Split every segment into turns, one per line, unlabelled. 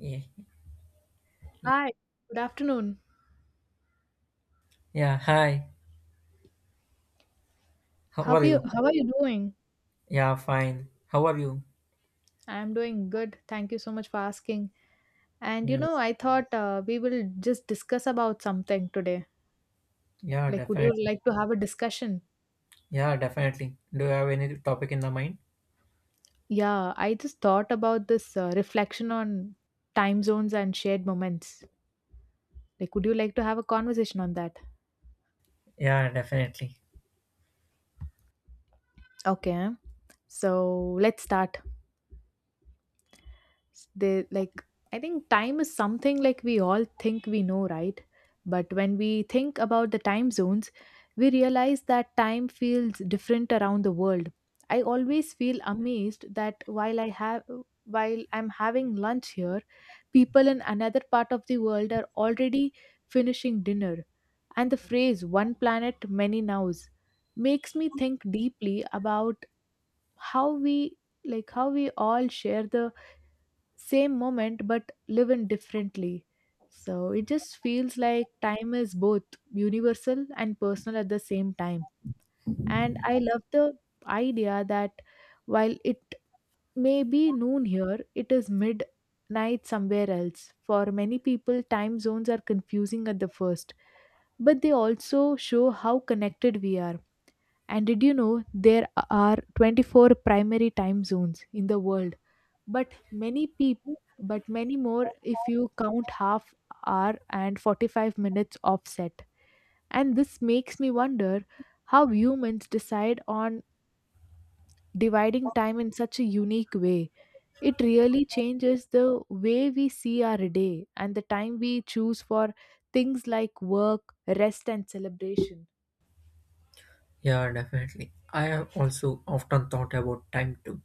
Yeah,
Hi, good afternoon.
yeah. Hi. How are you?
How are you doing?
Yeah, fine. How are you?
I'm doing good. Thank you so much for asking.
Yeah.
I thought we will just discuss about something today.
Yeah,
Like, would
definitely.
you like to have a discussion?
Yeah, definitely. Do you have any topic in the mind?
Yeah, I just thought about this reflection on time zones and shared moments. Like, would you like to have a conversation on that?
Yeah, definitely.
Okay, so let's start. S- they like I think time is something like we all think we know, right? But when we think about the time zones, we realize that time feels different around the world. I always feel amazed that while I'm having lunch here, people in another part of the world are already finishing dinner. And the phrase one planet many nows makes me think deeply about how we how we all share the same moment but live in differently. So it just feels like time is both universal and personal at the same time. And I love the idea that while it may be noon here, it is midnight somewhere else. For many people time zones are confusing at the first, but they also show how connected we are. And did you know there are 24 primary time zones in the world, but many people but many more if you count half hour and 45 minutes offset? And this makes me wonder how humans decide on dividing time in such a unique way. It really changes the way we see our day and the time we choose for things like work, rest and celebration.
Yeah, definitely. I have also often thought about time too,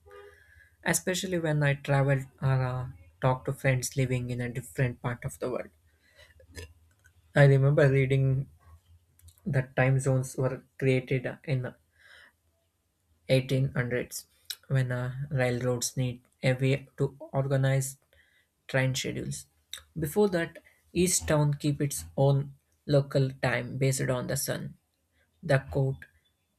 especially when I travel or talk to friends living in a different part of the world. I remember reading that time zones were created in the 1800s when railroads need a way to organize train schedules. Before that, each town keep its own local time based on the sun. The court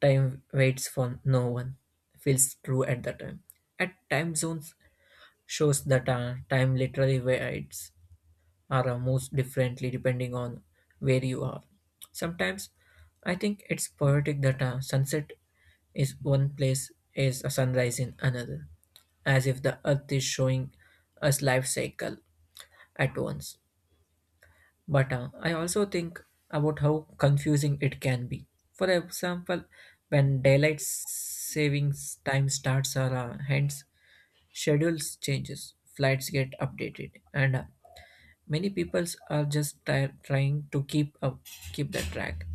time waits for no one feels true at the time. At time zones shows that time literally waits or moves differently depending on where you are. Sometimes I think it's poetic that a sunset is one place is a sunrise in another, as if the earth is showing us life cycle at once. But I also think about how confusing it can be. For example, when daylight savings time starts or hence schedules changes, flights get updated, and many people are just trying to keep up, keep the track.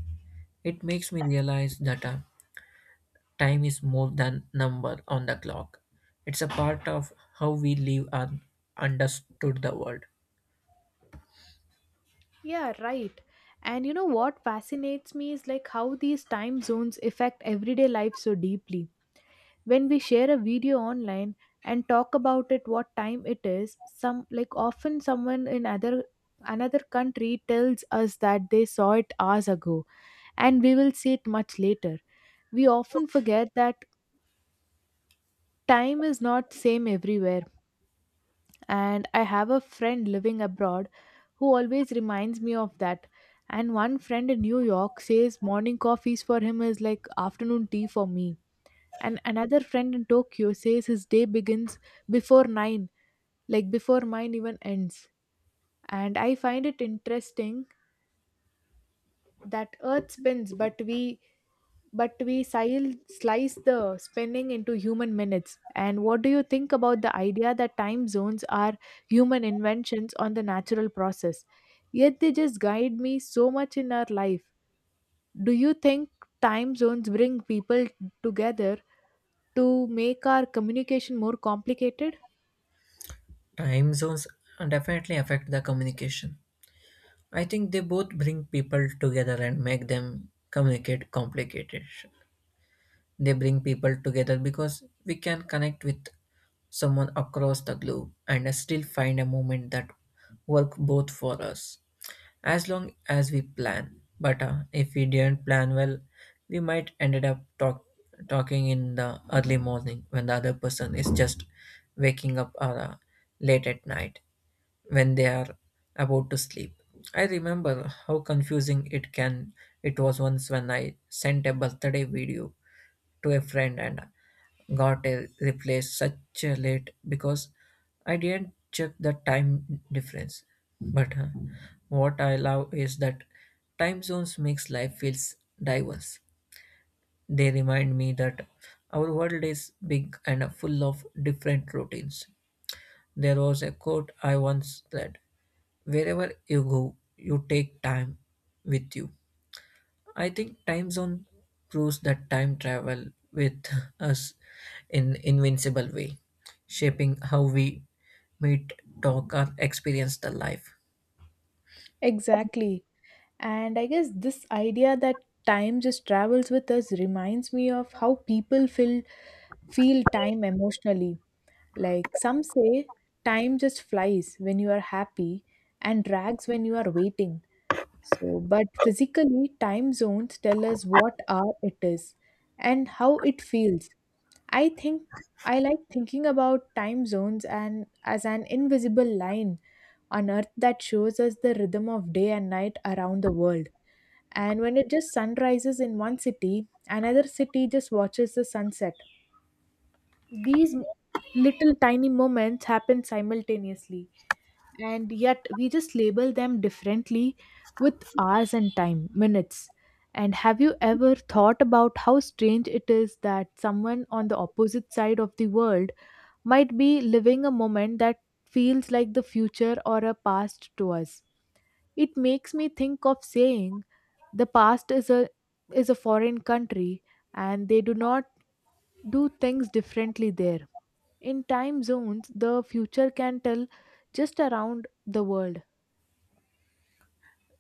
It makes me realize that time is more than number on the clock. It's a part of how we live and understood the world.
Yeah, right. And you know what fascinates me is like how these time zones affect everyday life so deeply. When we share a video online and talk about it what time it is, some like often someone in other another country tells us that they saw it hours ago and we will see it much later. We often forget that time is not same everywhere. And I have a friend living abroad who always reminds me of that. And one friend in New York says morning coffees for him is like afternoon tea for me. And another friend in Tokyo says his day begins before 9, like before mine even ends. And I find it interesting that earth spins but we slice the spinning into human minutes. And what do you think about the idea that time zones are human inventions on the natural process, yet they just guide me so much in our life? Do you think time zones bring people together to make our communication more complicated?
Time zones definitely affect the communication. I think they both bring people together and make them communicate complicated. They bring people together because we can connect with someone across the globe and still find a moment that work both for us as long as we plan. But if we didn't plan well, we might ended up talking in the early morning when the other person is just waking up or late at night when they are about to sleep. I remember how confusing it was once when I sent a birthday video to a friend and got a reply such a late because I didn't check the time difference. But what I love is that time zones makes life feels diverse. They remind me that our world is big and full of different routines. There was a quote I once read, wherever you go, you take time with you. I think time zone proves that time travel with us in invincible way, shaping how we meet, talk, or experience the life.
Exactly. And I guess this idea that time just travels with us reminds me of how people feel time emotionally. Like some say time just flies when you are happy and drags when you are waiting. So but physically time zones tell us what hour it is and how it feels. I think I like thinking about time zones and as an invisible line on earth that shows us the rhythm of day and night around the world. And when it just sun rises in one city, another city just watches the sunset. These little tiny moments happen simultaneously, and yet we just label them differently with hours and time minutes. And have you ever thought about how strange it is that someone on the opposite side of the world might be living a moment that feels like the future or a past to us? It makes me think of saying the past is a foreign country and they do not do things differently there. In time zones, the future can tell just around the world.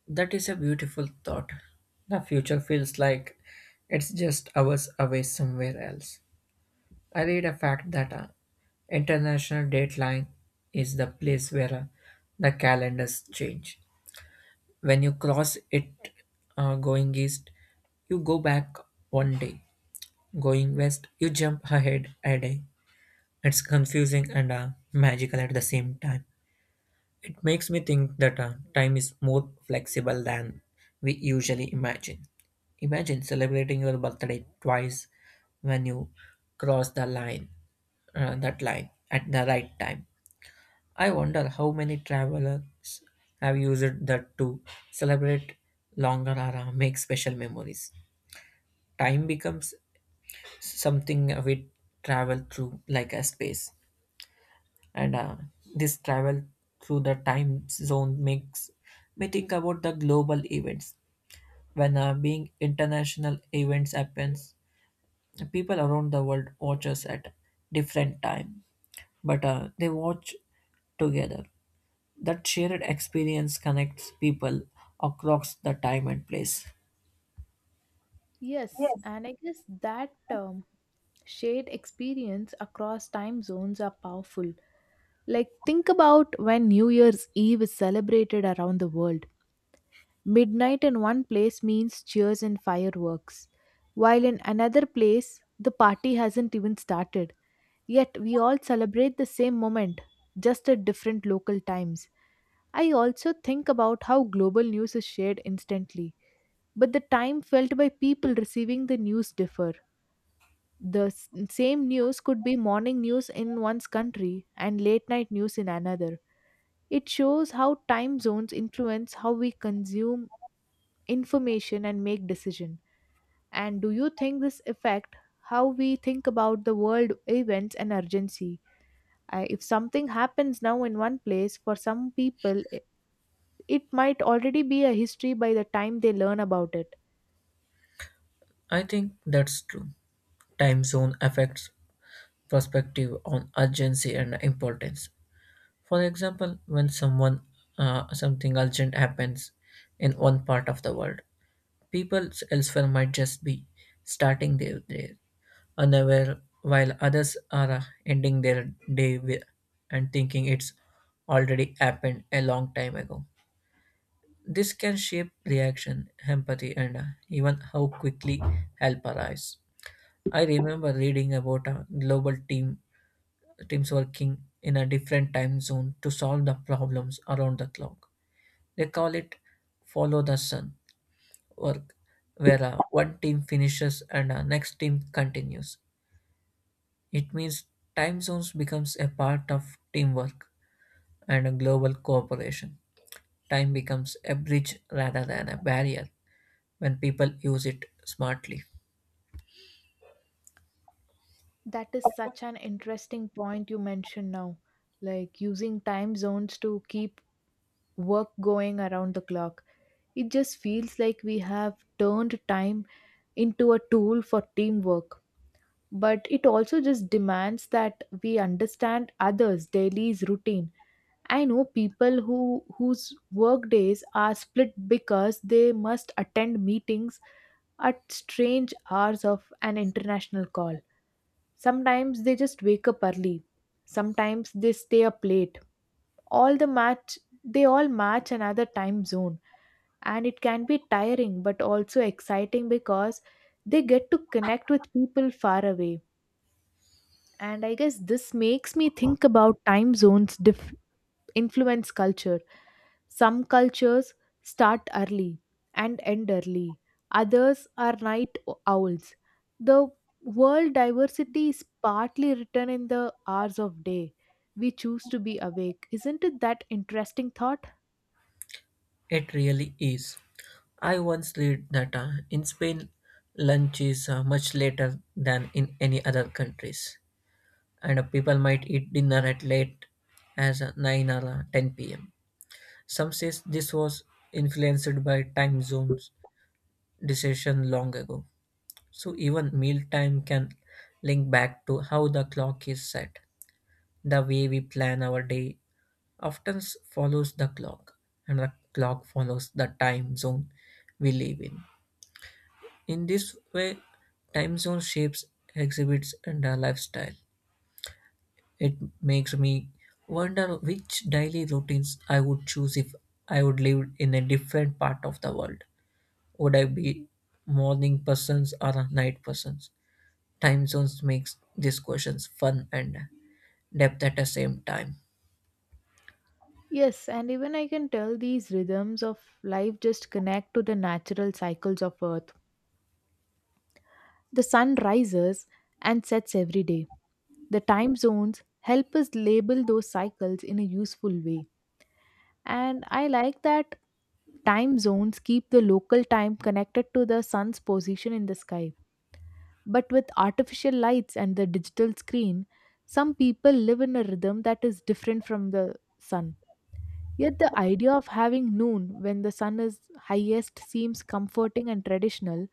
That is a beautiful thought. The future feels like it's just hours away somewhere else. I read a fact that international dateline is the place where the calendars change. When you cross it, going east, you go back one day. Going west, you jump ahead a day. It's confusing and magical at the same time. It makes me think that time is more flexible than we usually imagine. Imagine celebrating your birthday twice when you cross the line, that line at the right time. I wonder how many travelers have used that to celebrate longer or make special memories. Time becomes something we travel through like a space, and this travel through the time zone makes me think about the global events. When being international events happens, people around the world watch us at different time, but they watch together. That shared experience connects people across the time and place.
Yes, and I guess that shared experience across time zones are powerful. Like, think about when New Year's Eve is celebrated around the world. Midnight in one place means cheers and fireworks, while in another place, the party hasn't even started. Yet we all celebrate the same moment, just at different local times. I also think about how global news is shared instantly, but the time felt by people receiving the news differ. The same news could be morning news in one's country and late night news in another. It shows how time zones influence how we consume information and make decision. And do you think this affect how we think about the world events and urgency? I, if something happens now in one place, for some people it might already be a history by the time they learn about it.
I think that's true. Time zone affects perspective on urgency and importance. For example, when someone something urgent happens in one part of the world, people elsewhere might just be starting their day, unaware, while others are ending their day with, and thinking it's already happened a long time ago. This can shape reaction, empathy, and even how quickly help arrives. I remember reading about a global team teams working in a different time zone to solve the problems around the clock. They call it follow the sun work, where one team finishes and the next team continues. It means time zones becomes a part of teamwork and a global cooperation. Time becomes a bridge rather than a barrier when people use it smartly.
That is such an interesting point you mentioned now, like using time zones to keep work going around the clock. It just feels like we have turned time into a tool for teamwork, but it also just demands that we understand others daily's routine. I know people whose work days are split because they must attend meetings at strange hours of an international call. Sometimes they just wake up early, sometimes they stay up late, all the match they all match another time zone. And it can be tiring but also exciting because they get to connect with people far away. And I guess this makes me think about time zones influence culture. Some cultures start early and end early, others are night owls. The world diversity is partly written in the hours of day we choose to be awake. Isn't it that interesting thought?
It really is. I once read that in Spain, lunch is much later than in any other countries, and people might eat dinner at late as 9 or 10 p.m. Some says this was influenced by time zones decision long ago. So even meal time can link back to how the clock is set, the way we plan our day, follows the clock, and the clock follows the time zone we live in. In this way, time zone shapes exhibits and our lifestyle. It makes me wonder which daily routines I would choose if I would live in a different part of the world. Would I be morning persons or a night persons? Time zones makes these questions fun and depth at the same time.
Yes, and even I can tell these rhythms of life just connect to the natural cycles of earth. The sun rises and sets every day. The time zones help us label those cycles in a useful way. And I like that time zones keep the local time connected to the sun's position in the sky. But with artificial lights and the digital screen, some people live in a rhythm that is different from the sun. Yet the idea of having noon when the sun is highest seems comforting and traditional.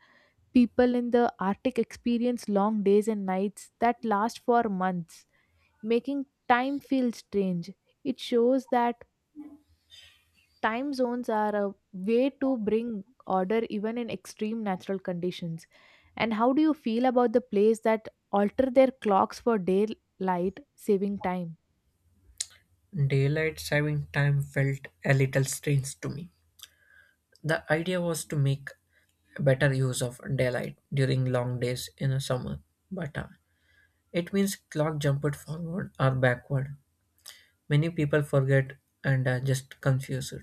People in the Arctic experience long days and nights that last for months, making time feel strange. It shows that time zones are a way to bring order even in extreme natural conditions. And how do you feel about the place that alter their clocks for daylight saving time?
Daylight saving time felt a little strange to me. The idea was to make better use of daylight during long days in the summer, but it means clock jumped forward or backward. Many people forget and are just confused.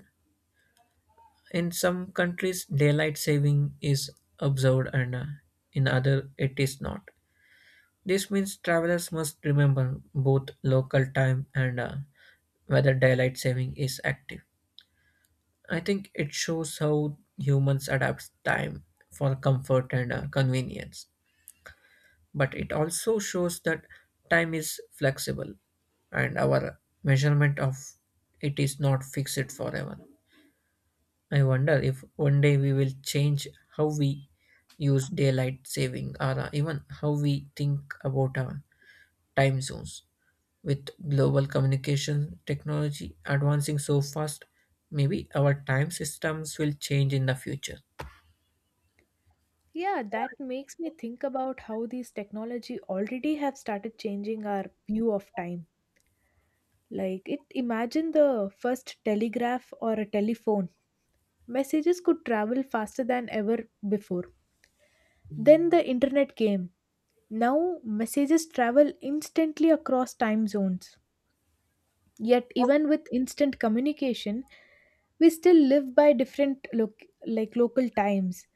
In some countries, daylight saving is observed, and in other, it is not. This means travelers must remember both local time and whether daylight saving is active. I think it shows how humans adapt time for comfort and convenience. But it also shows that time is flexible and our measurement of it is not fixed forever. I wonder if one day we will change how we use daylight saving or even how we think about our time zones. With global communication technology advancing so fast, maybe our time systems will change in the future.
Yeah, that makes me think about how these technology already have started changing our view of time. Like it Imagine the first telegraph or a telephone. Messages could travel faster than ever before. Then the internet came. Now messages travel instantly across time zones. Yet even with instant communication, we still live by different local times.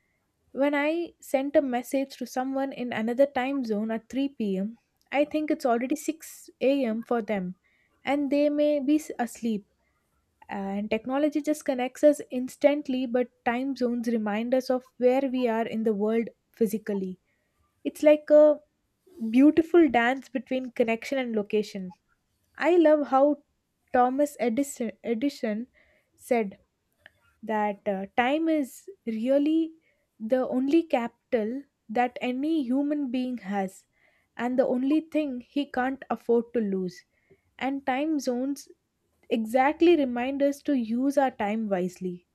When I sent a message to someone in another time zone at 3 p.m., I think it's already 6 a.m. for them and they may be asleep. And technology just connects us instantly, but time zones remind us of where we are in the world physically. It's like a beautiful dance between connection and location. I love how Thomas Edison said that time is really the only capital that any human being has and the only thing he can't afford to lose. And time zones exactly remind us to use our time wisely.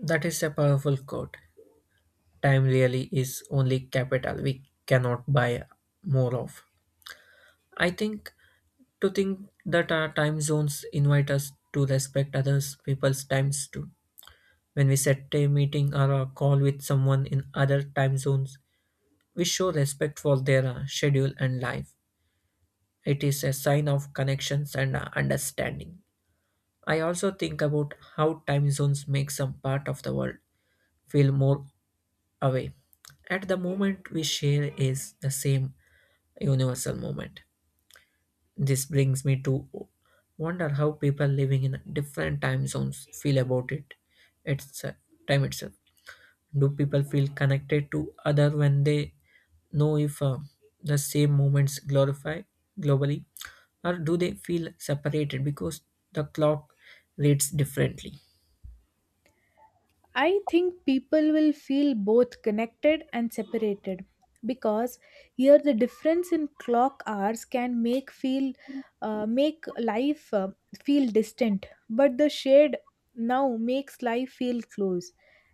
That is a powerful quote. Time really is only capital we cannot buy more of. I think that our time zones invite us to respect others people's times too. When we set a meeting or a call with someone in other time zones, we show respect for their schedule and life. It is a sign of connections and understanding. I also think about how time zones make some part of the world feel more away. At the moment we share is the same universal moment. This brings me to wonder how people living in different time zones feel about it. It's time itself. Do people feel connected to other when they know if the same moments glorify globally, or do they feel separated because the clock reads differently?
I think people will feel both connected and separated because here the difference in clock hours can make life feel distant, but the shade now makes life feel close.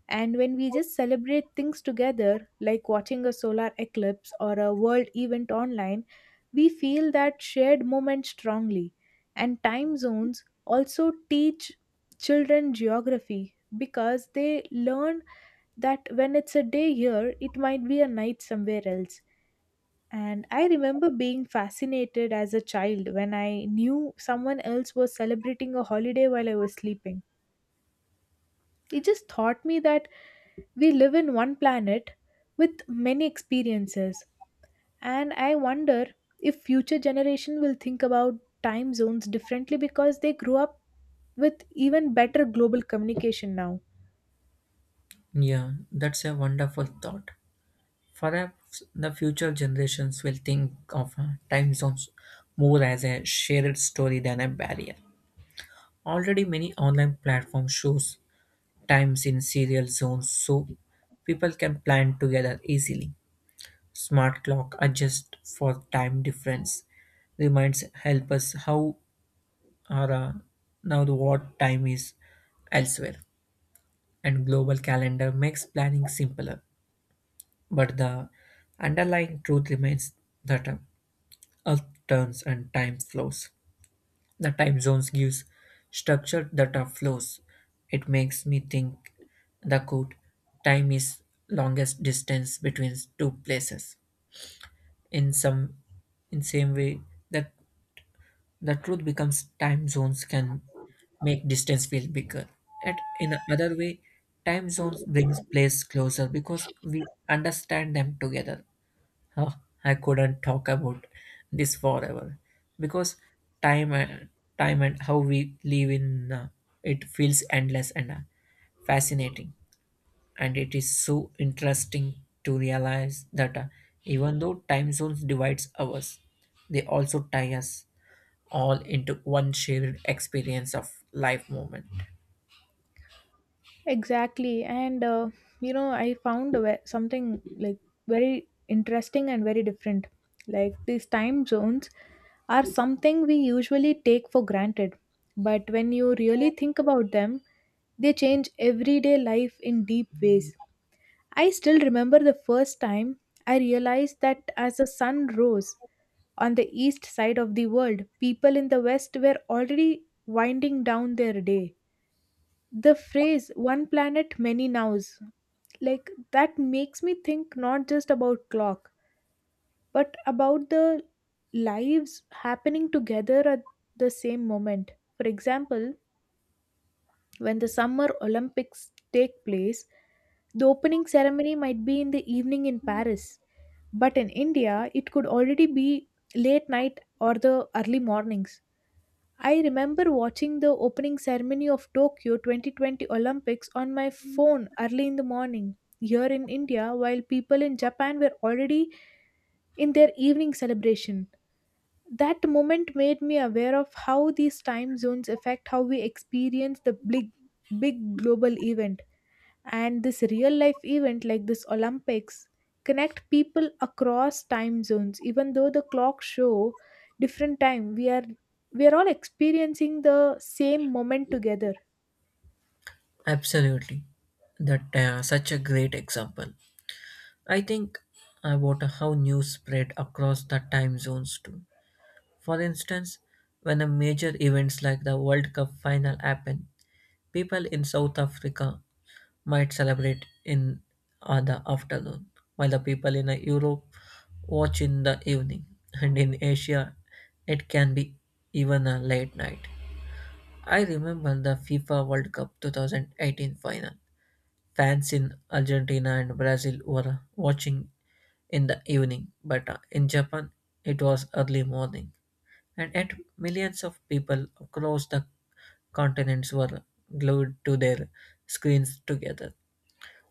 And when we just celebrate things together, like watching a solar eclipse or a world event online, we feel that shared moment strongly. And time zones also teach children geography because they learn that when it's a day here, it might be a night somewhere else. And I remember being fascinated as a child when I knew someone else was celebrating a holiday while I was sleeping. It just taught me that we live in one planet with many experiences. And I wonder if future generation will think about time zones differently because they grew up with even better global communication now.
Yeah, that's a wonderful thought. Perhaps the future generations will think of time zones more as a shared story than a barrier. Already many online platforms shows times in serial zones so people can plan together easily. Smart clock adjust for time difference reminds help us how or now the what time is elsewhere, and global calendar makes planning simpler, but the underlying truth remains that Earth turns and time flows. The time zones gives structure that are flows. It makes me think the quote, time is longest distance between two places. In some in same way that the truth becomes time zones can make distance feel bigger. And in another way, time zones brings place closer because we understand them together. Huh! I couldn't talk about this forever because time and time and how we live in, it feels endless and fascinating, and it is so interesting to realize that even though time zones divides us, they also tie us all into one shared experience of life moment.
Exactly. You know, I found a something like very interesting and very different. Like these time zones are something we usually take for granted. But when you really think about them, they change everyday life in deep ways. I still remember the first time I realized that as the sun rose on the east side of the world, people in the west were already winding down their day. The phrase one planet, many nows, like that makes me think not just about clock, but about the lives happening together at the same moment. For example, when the Summer Olympics take place, the opening ceremony might be in the evening in Paris, but in India, it could already be late night or the early mornings. I remember watching the opening ceremony of Tokyo 2020 Olympics on my phone early in the morning here in India while people in Japan were already in their evening celebration. That moment made me aware of how these time zones affect how we experience the big, big global event. And this real life event, like this Olympics, connect people across time zones. Even though the clocks show different time, we are all experiencing the same moment together.
Absolutely. That Such a great example. I think about how news spread across the time zones too. For instance, when a major events like the World Cup final happen, people in South Africa might celebrate in the afternoon, while the people in Europe watch in the evening, and in Asia, it can be even a late night. I remember the FIFA World Cup 2018 final. Fans in Argentina and Brazil were watching in the evening, but in Japan, it was early morning. And yet, millions of people across the continents were glued to their screens together.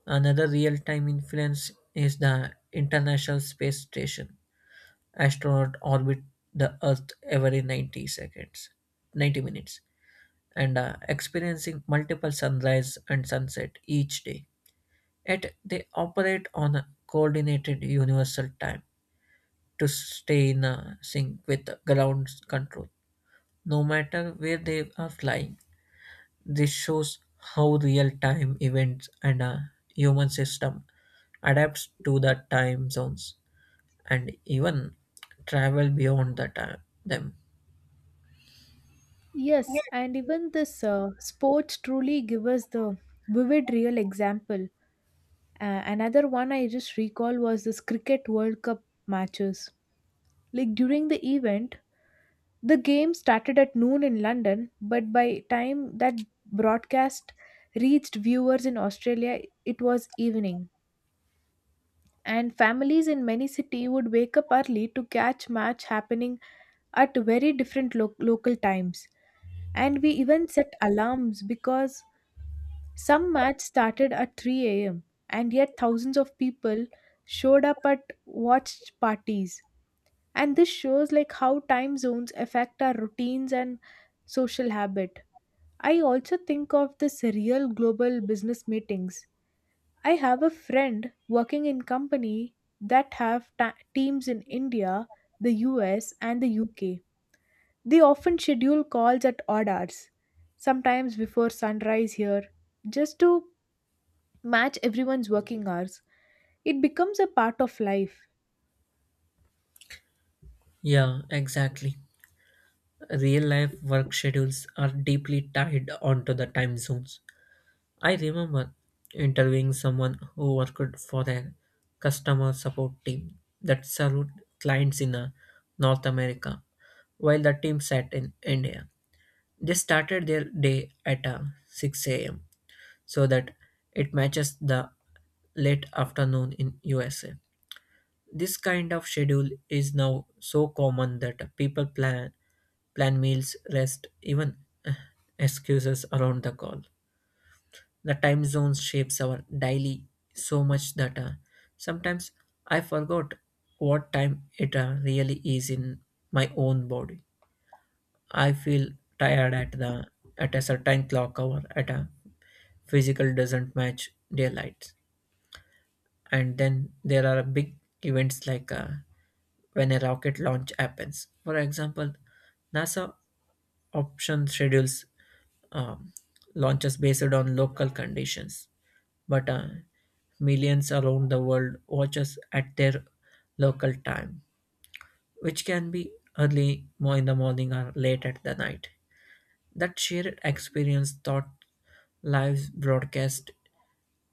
Another real time influence is the International Space Station. Astronauts orbit the Earth every 90 minutes, and are experiencing multiple sunrise and sunset each day. Yet, they operate on a coordinated universal time to stay in a sync with ground control. No matter where they are flying, this shows how real time events and a human system adapts to the time zones and even travel beyond the time them.
Yes, and even this sports truly give us the vivid real example. Another one I just recall was this Cricket World Cup matches. Like during the event, the game started at noon in London, but by time that broadcast reached viewers in Australia, it was evening. And families in many cities would wake up early to catch match happening at very different local times, and we even set alarms because some match started at 3 a.m., and yet thousands of people showed up at watch parties. And this shows like how time zones affect our routines and social habit. I also think of this real global business meetings. I have a friend working in company that have teams in India, the US, and the UK. They often schedule calls at odd hours, sometimes before sunrise here, just to match everyone's working hours. It becomes a part of life.
Yeah, exactly. Real life work schedules are deeply tied onto the time zones. I remember interviewing someone who worked for a customer support team that served clients in North America while the team sat in India. They started their day at 6 a.m. so that it matches the late afternoon in USA. This kind of schedule is now so common that people plan meals, rest, even uh, excuses around the call. The time zone shapes our daily so much that sometimes I forgot what time it really is in my own body. I feel tired at the at a certain clock hour at a physical doesn't match daylight. And then there are big events like when a rocket launch happens. For example, NASA option schedules um, launches based on local conditions, but millions around the world watches at their local time, which can be in the morning or late at the night. That shared experience taught live broadcast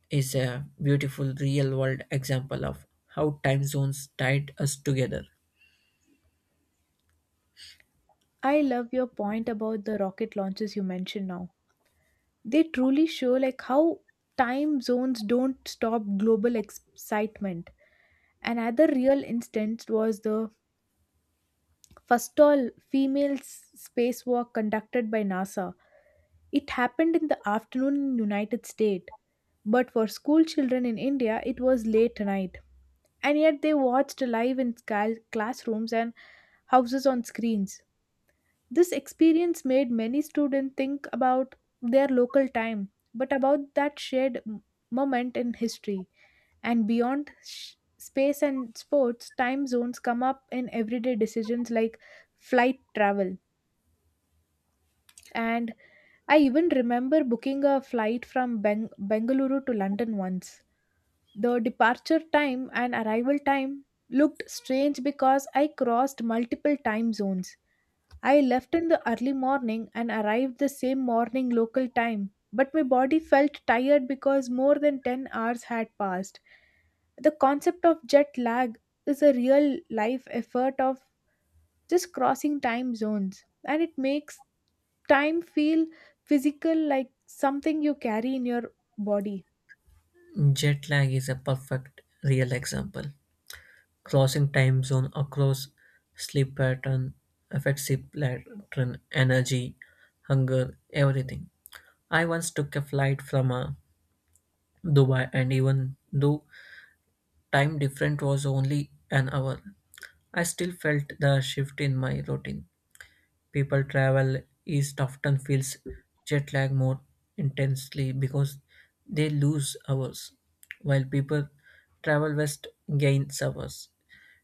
is a beautiful real world example of how time zones tied us together.
I love your point about the rocket launches you mentioned now. They truly show like how time zones don't stop global excitement. Another real instance was the first all female spacewalk conducted by NASA. It happened in the afternoon in United States, but for school children in India it was late night, and yet they watched live in classrooms and houses on screens. This experience made many students think about their local time, but about that shared moment in history. And beyond space and sports, time zones come up in everyday decisions like flight travel and I even remember booking a flight from Bengaluru to London once. The departure time and arrival time looked strange because I crossed multiple time zones. I left in the early morning and arrived the same morning local time, but my body felt tired because more than 10 hours had passed. The concept of jet lag is a real life effort of just crossing time zones, and it makes time feel physical like something you carry in your body.
Jet lag is a perfect real example. Crossing time zone across sleep pattern affects sleep pattern, energy, hunger, everything. I once took a flight from Dubai and even though time difference was only an hour, I still felt the shift in my routine. People travel east often feels jet lag more intensely because they lose hours, while people travel west gains hours.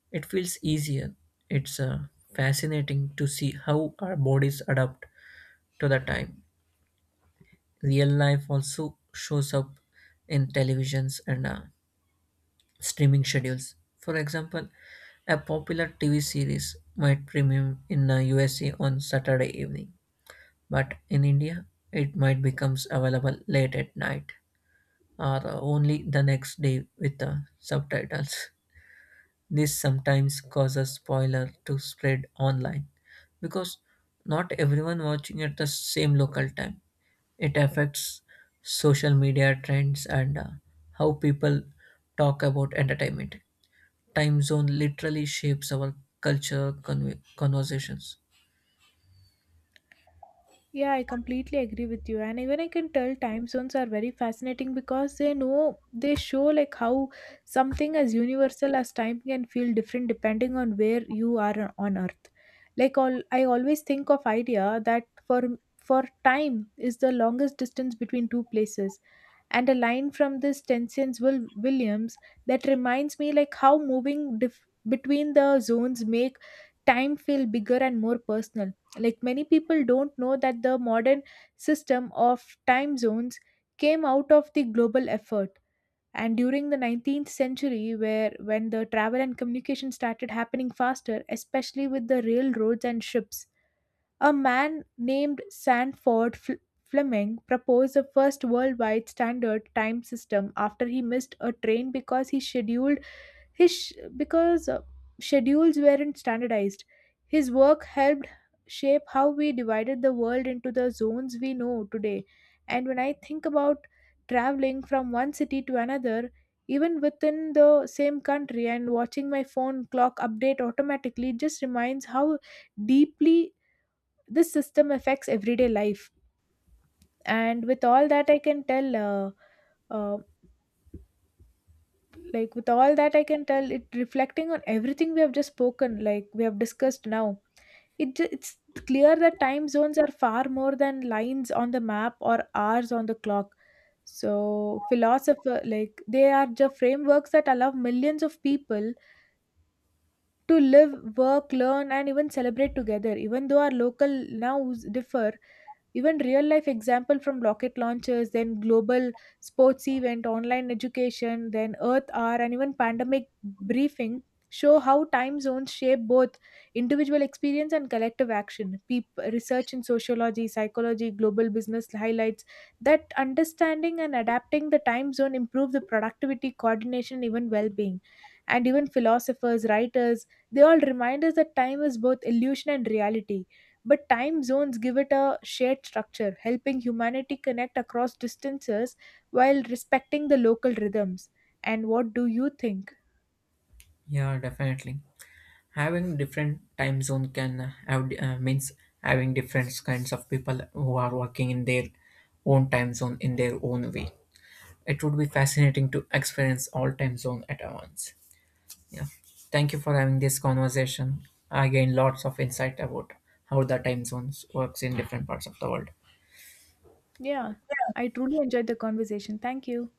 It feels easier. It's fascinating to see how our bodies adapt to the time. Real life also shows up in televisions and streaming schedules. For example, a popular TV series might premiere in the USA on Saturday evening, but in India it might becomes available late at night or only the next day with the subtitles. This sometimes causes spoiler to spread online because not everyone watching at the same local time. It affects social media trends and how people talk about entertainment. Time zone literally shapes our culture conversations.
Yeah, I completely agree with you, and even I can tell time zones are very fascinating because they know they show like how something as universal as time can feel different depending on where you are on earth. Like all I always think of idea that for time is the longest distance between two places, and a line from this Tenson's Will Williams that reminds me like how moving between the zones make time feel bigger and more personal. Like many people don't know that the modern system of time zones came out of the global effort and during the 19th century where when the travel and communication started happening faster especially with the railroads and ships. A man named Sandford Fleming proposed the first worldwide standard time system after he missed a train because he scheduled his sh- because schedules weren't standardized. His work helped shape how we divided the world into the zones we know today. And when I think about traveling from one city to another, even within the same country and watching my phone clock update automatically just reminds how deeply this system affects everyday life. And with all that I can tell uh, like with all that I can tell it reflecting on everything we have just spoken, like we have discussed now, it's clear that time zones are far more than lines on the map or hours on the clock. So philosopher like they are the frameworks that allow millions of people to live, work, learn, and even celebrate together, even though our local nows differ. Even real life example from rocket launches, then global sports event, online education, then Earth Hour, and even pandemic briefing show how time zones shape both individual experience and collective action. Research in sociology, psychology, global business highlights that understanding and adapting the time zone improve the productivity, coordination, even well-being. And even philosophers, writers, they all remind us that time is both illusion and reality, but time zones give it a shared structure, helping humanity connect across distances while respecting the local rhythms. And what do you think?
Yeah, definitely. Having different time zone can have means having different kinds of people who are working in their own time zone in their own way. It would be fascinating to experience all time zone at once. Yeah, thank you for having this conversation. I gained lots of insight about how the time zones works in different parts of the world.
Yeah, I truly enjoyed the conversation. Thank you.